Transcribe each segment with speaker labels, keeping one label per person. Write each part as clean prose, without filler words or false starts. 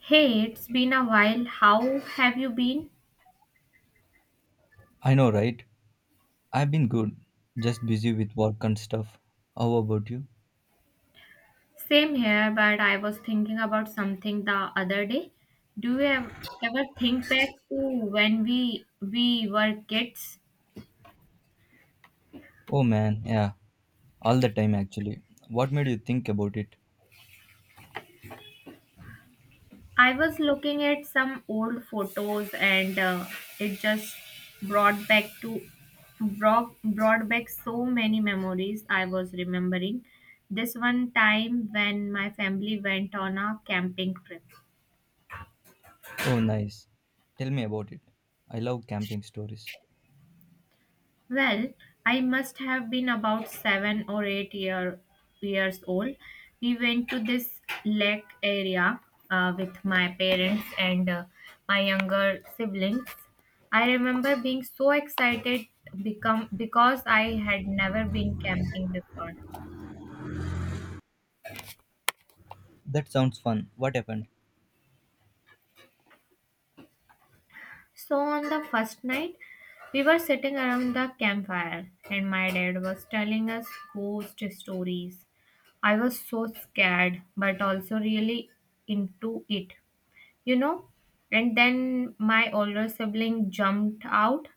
Speaker 1: Hey, it's been a while. How have you been?
Speaker 2: I know, right? I've been good, just busy with work and stuff. How about you?
Speaker 1: Same here, but I was thinking about something the other day. Do you ev- Ever think back to when we were kids?
Speaker 2: Oh man, yeah, all the time actually. What made you think about it?
Speaker 1: I was looking at some old photos and it just brought back to brought back so many memories. I was remembering this one time when my family went on a camping trip.
Speaker 2: Oh, nice. Tell me about it. I love camping stories.
Speaker 1: Well, I must have been about seven or eight-year, years old. We went to this lake area with my parents and my younger siblings. I remember being so excited become because I had never been camping before.
Speaker 2: That sounds fun. What happened?
Speaker 1: So on the first night, we were sitting around the campfire, and my dad was telling us ghost stories. I was so scared, but also really into it, you know. And then my older sibling jumped out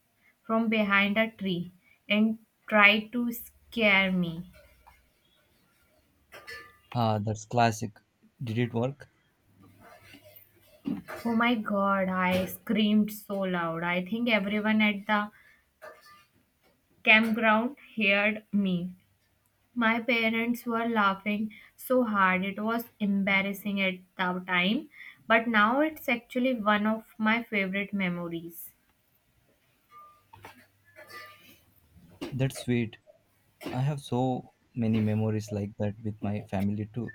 Speaker 1: from behind a tree and tried to scare me.
Speaker 2: Ah, that's classic. Did it work?
Speaker 1: Oh my god, I screamed so loud. I think everyone at the campground heard me. My parents were laughing so hard it was embarrassing at the time, but now it's actually one of my favorite memories.
Speaker 2: That's sweet. I have so many memories like that with my family too.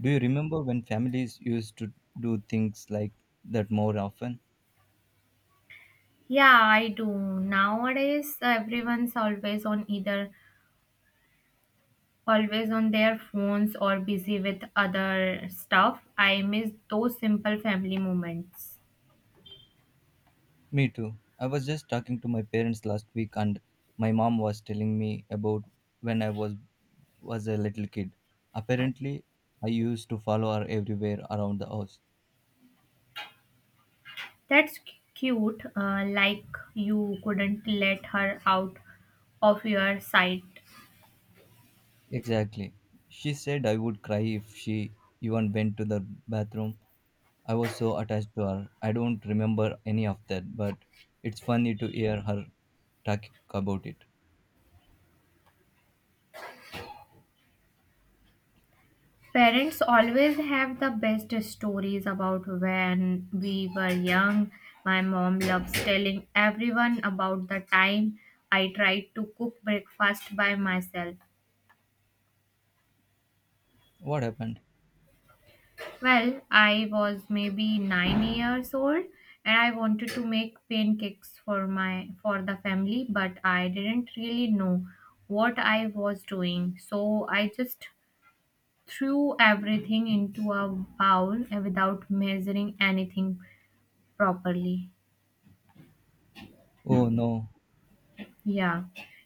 Speaker 2: Do you remember when families used to do things like that more often?
Speaker 1: Yeah, I do. Nowadays, everyone's always on either always on their phones or busy with other stuff. I miss those simple family moments.
Speaker 2: Me too. I was just talking to my parents last week and my mom was telling me about when I was a little kid. Apparently, I used to follow her everywhere around the house.
Speaker 1: That's c- Cute, like you couldn't let her out of your sight.
Speaker 2: Exactly. She said I would cry if she even went to the bathroom. I was so attached to her. I don't remember any of that, but it's funny to hear her talk about it.
Speaker 1: Parents always have the best stories about when we were young. My mom loves telling everyone about the time I tried to cook breakfast by myself.
Speaker 2: What happened?
Speaker 1: Well, I was maybe 9 years old and I wanted to make pancakes for the family, but I didn't really know what I was doing. So I just threw everything into a bowl without measuring anything properly.
Speaker 2: Oh no,
Speaker 1: Yeah,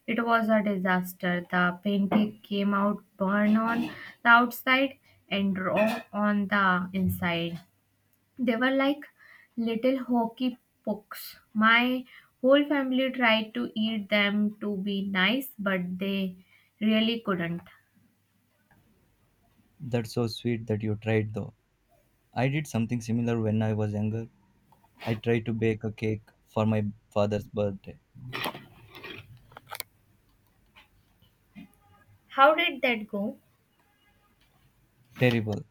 Speaker 1: it was a disaster. The painting came out burn on the outside and raw on the inside. They were like little hockey pucks. My whole family tried to eat them to be nice, but they really couldn't.
Speaker 2: that's so sweet that you tried though. I did something similar when I was younger. I tried to bake a cake for my father's birthday.
Speaker 1: How did that go?
Speaker 2: Terrible.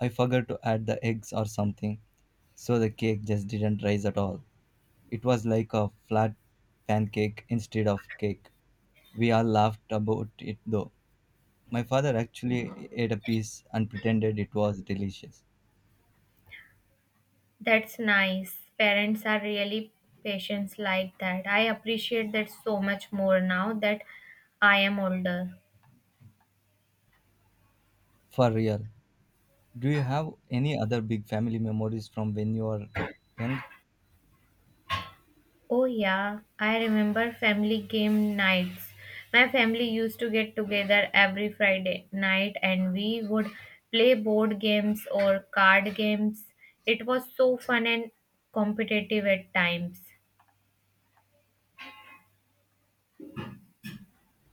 Speaker 2: I forgot to add the eggs or something, so the cake just didn't rise at all. It was like a flat pancake instead of cake. We all laughed about it though. My father actually ate a piece and pretended it was delicious.
Speaker 1: That's nice. Parents are really patient like that. I appreciate that so much more now that I am older.
Speaker 2: For real. Do you have any other big family memories from when you were young?
Speaker 1: Oh, yeah, I remember family game nights. My family used to get together every Friday night and we would play board games or card games. It was so fun and competitive at times.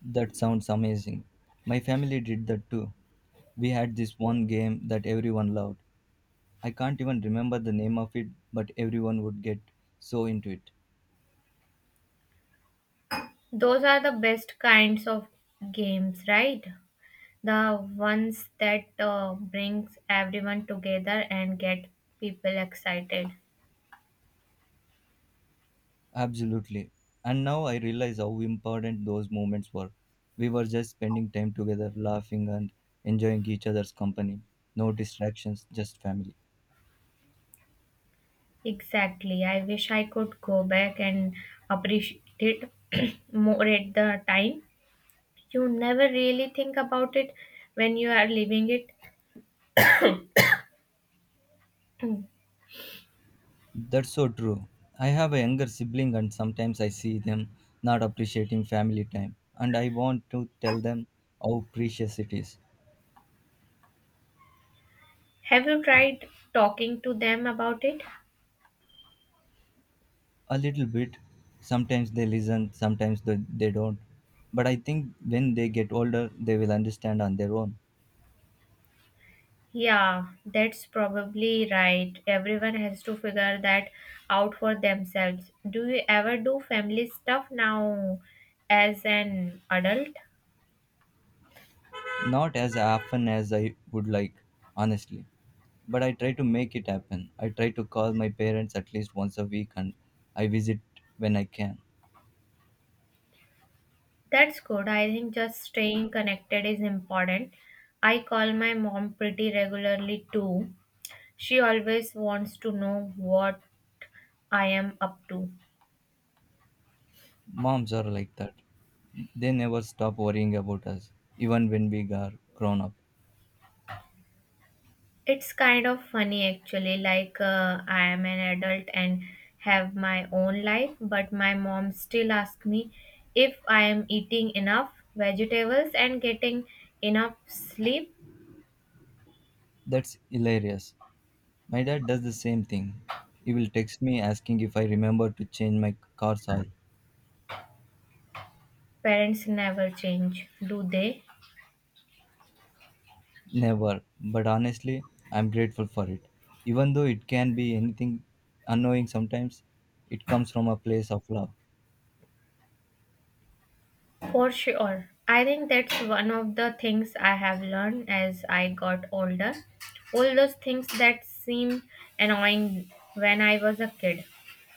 Speaker 2: That sounds amazing. My family did that too. We had this one game that everyone loved. I can't even remember the name of it, but everyone would get so into it.
Speaker 1: Those are the best kinds of games, right? The ones that brings everyone together and get people excited.
Speaker 2: Absolutely. And now I realize how important those moments were. We were just spending time together, laughing and enjoying each other's company. No distractions, just family.
Speaker 1: Exactly. I wish I could go back and appreciate it more at the time. You never really think about it when you are living it.
Speaker 2: That's so true. I have a younger sibling, and sometimes I see them not appreciating family time, and I want to tell them how precious it is.
Speaker 1: Have you tried talking to them about it?
Speaker 2: A little bit. Sometimes they listen, sometimes they don't, but I think when they get older they will understand on their own.
Speaker 1: Yeah, that's probably right. Everyone has to figure that out for themselves. Do you ever do family stuff now as an adult?
Speaker 2: Not as often as I would like, honestly, but I try to make it happen. I try to call my parents at least once a week and I visit when I can.
Speaker 1: That's good. I think just staying connected is important. I call my mom pretty regularly too. She always wants to know what I am up to.
Speaker 2: Moms are like that. They never stop worrying about us even when we are grown up.
Speaker 1: It's kind of funny actually, like I am an adult and have my own life, but my mom still asks me if I am eating enough vegetables and getting enough sleep.
Speaker 2: That's hilarious. My dad does the same thing. He will text me asking if I remember to change my car's oil.
Speaker 1: Parents never change, do they?
Speaker 2: Never, but honestly, I'm grateful for it. Even though it can be anything annoying sometimes, it comes from a place of love.
Speaker 1: For sure. I think that's one of the things I have learned as I got older. All those things that seemed annoying when I was a kid,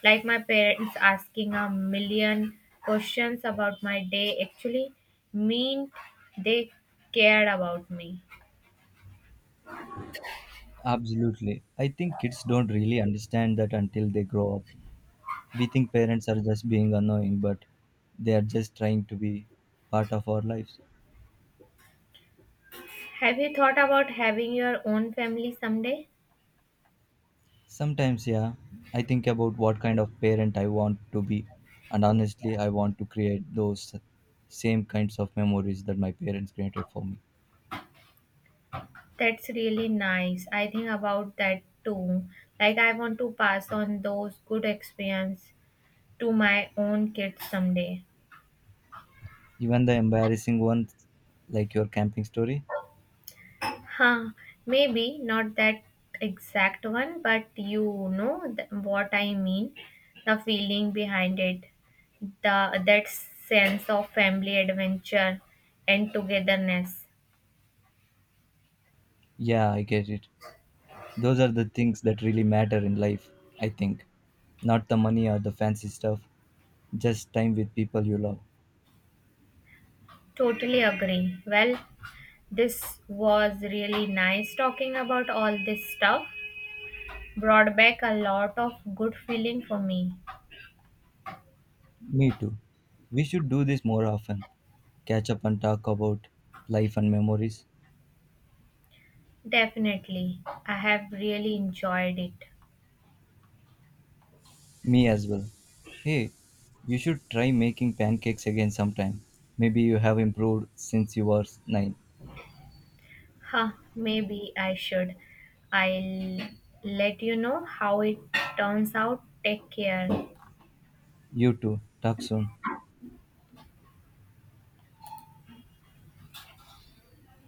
Speaker 1: like my parents asking 1,000,000 questions about my day, actually meant they cared about me.
Speaker 2: Absolutely. I think kids don't really understand that until they grow up. We think parents are just being annoying, but they are just trying to be part of our lives.
Speaker 1: Have you thought about having your own family someday?
Speaker 2: Sometimes, yeah, I think about what kind of parent I want to be, and honestly, I want to create those same kinds of memories that my parents created for me.
Speaker 1: That's really nice. I think about that too. Like, I want to pass on those good experiences to my own kids someday.
Speaker 2: Even the embarrassing ones, like your camping story.
Speaker 1: Huh, maybe not that exact one, but you know what I mean. The feeling behind it, the that sense of family adventure and togetherness.
Speaker 2: Yeah, I get it. Those are the things that really matter in life, I think. Not the money or the fancy stuff, just time with people you love.
Speaker 1: Totally agree. Well, this was really nice talking about all this stuff. Brought back a lot of good feeling for me.
Speaker 2: Me too. We should do this more often. Catch up and talk about life and memories.
Speaker 1: Definitely. I have really enjoyed it.
Speaker 2: Me as well. Hey, you should try making pancakes again sometime. Maybe you have improved since you were 9.
Speaker 1: Huh, maybe I should. I'll let you know how it turns out. Take care.
Speaker 2: You too. Talk soon.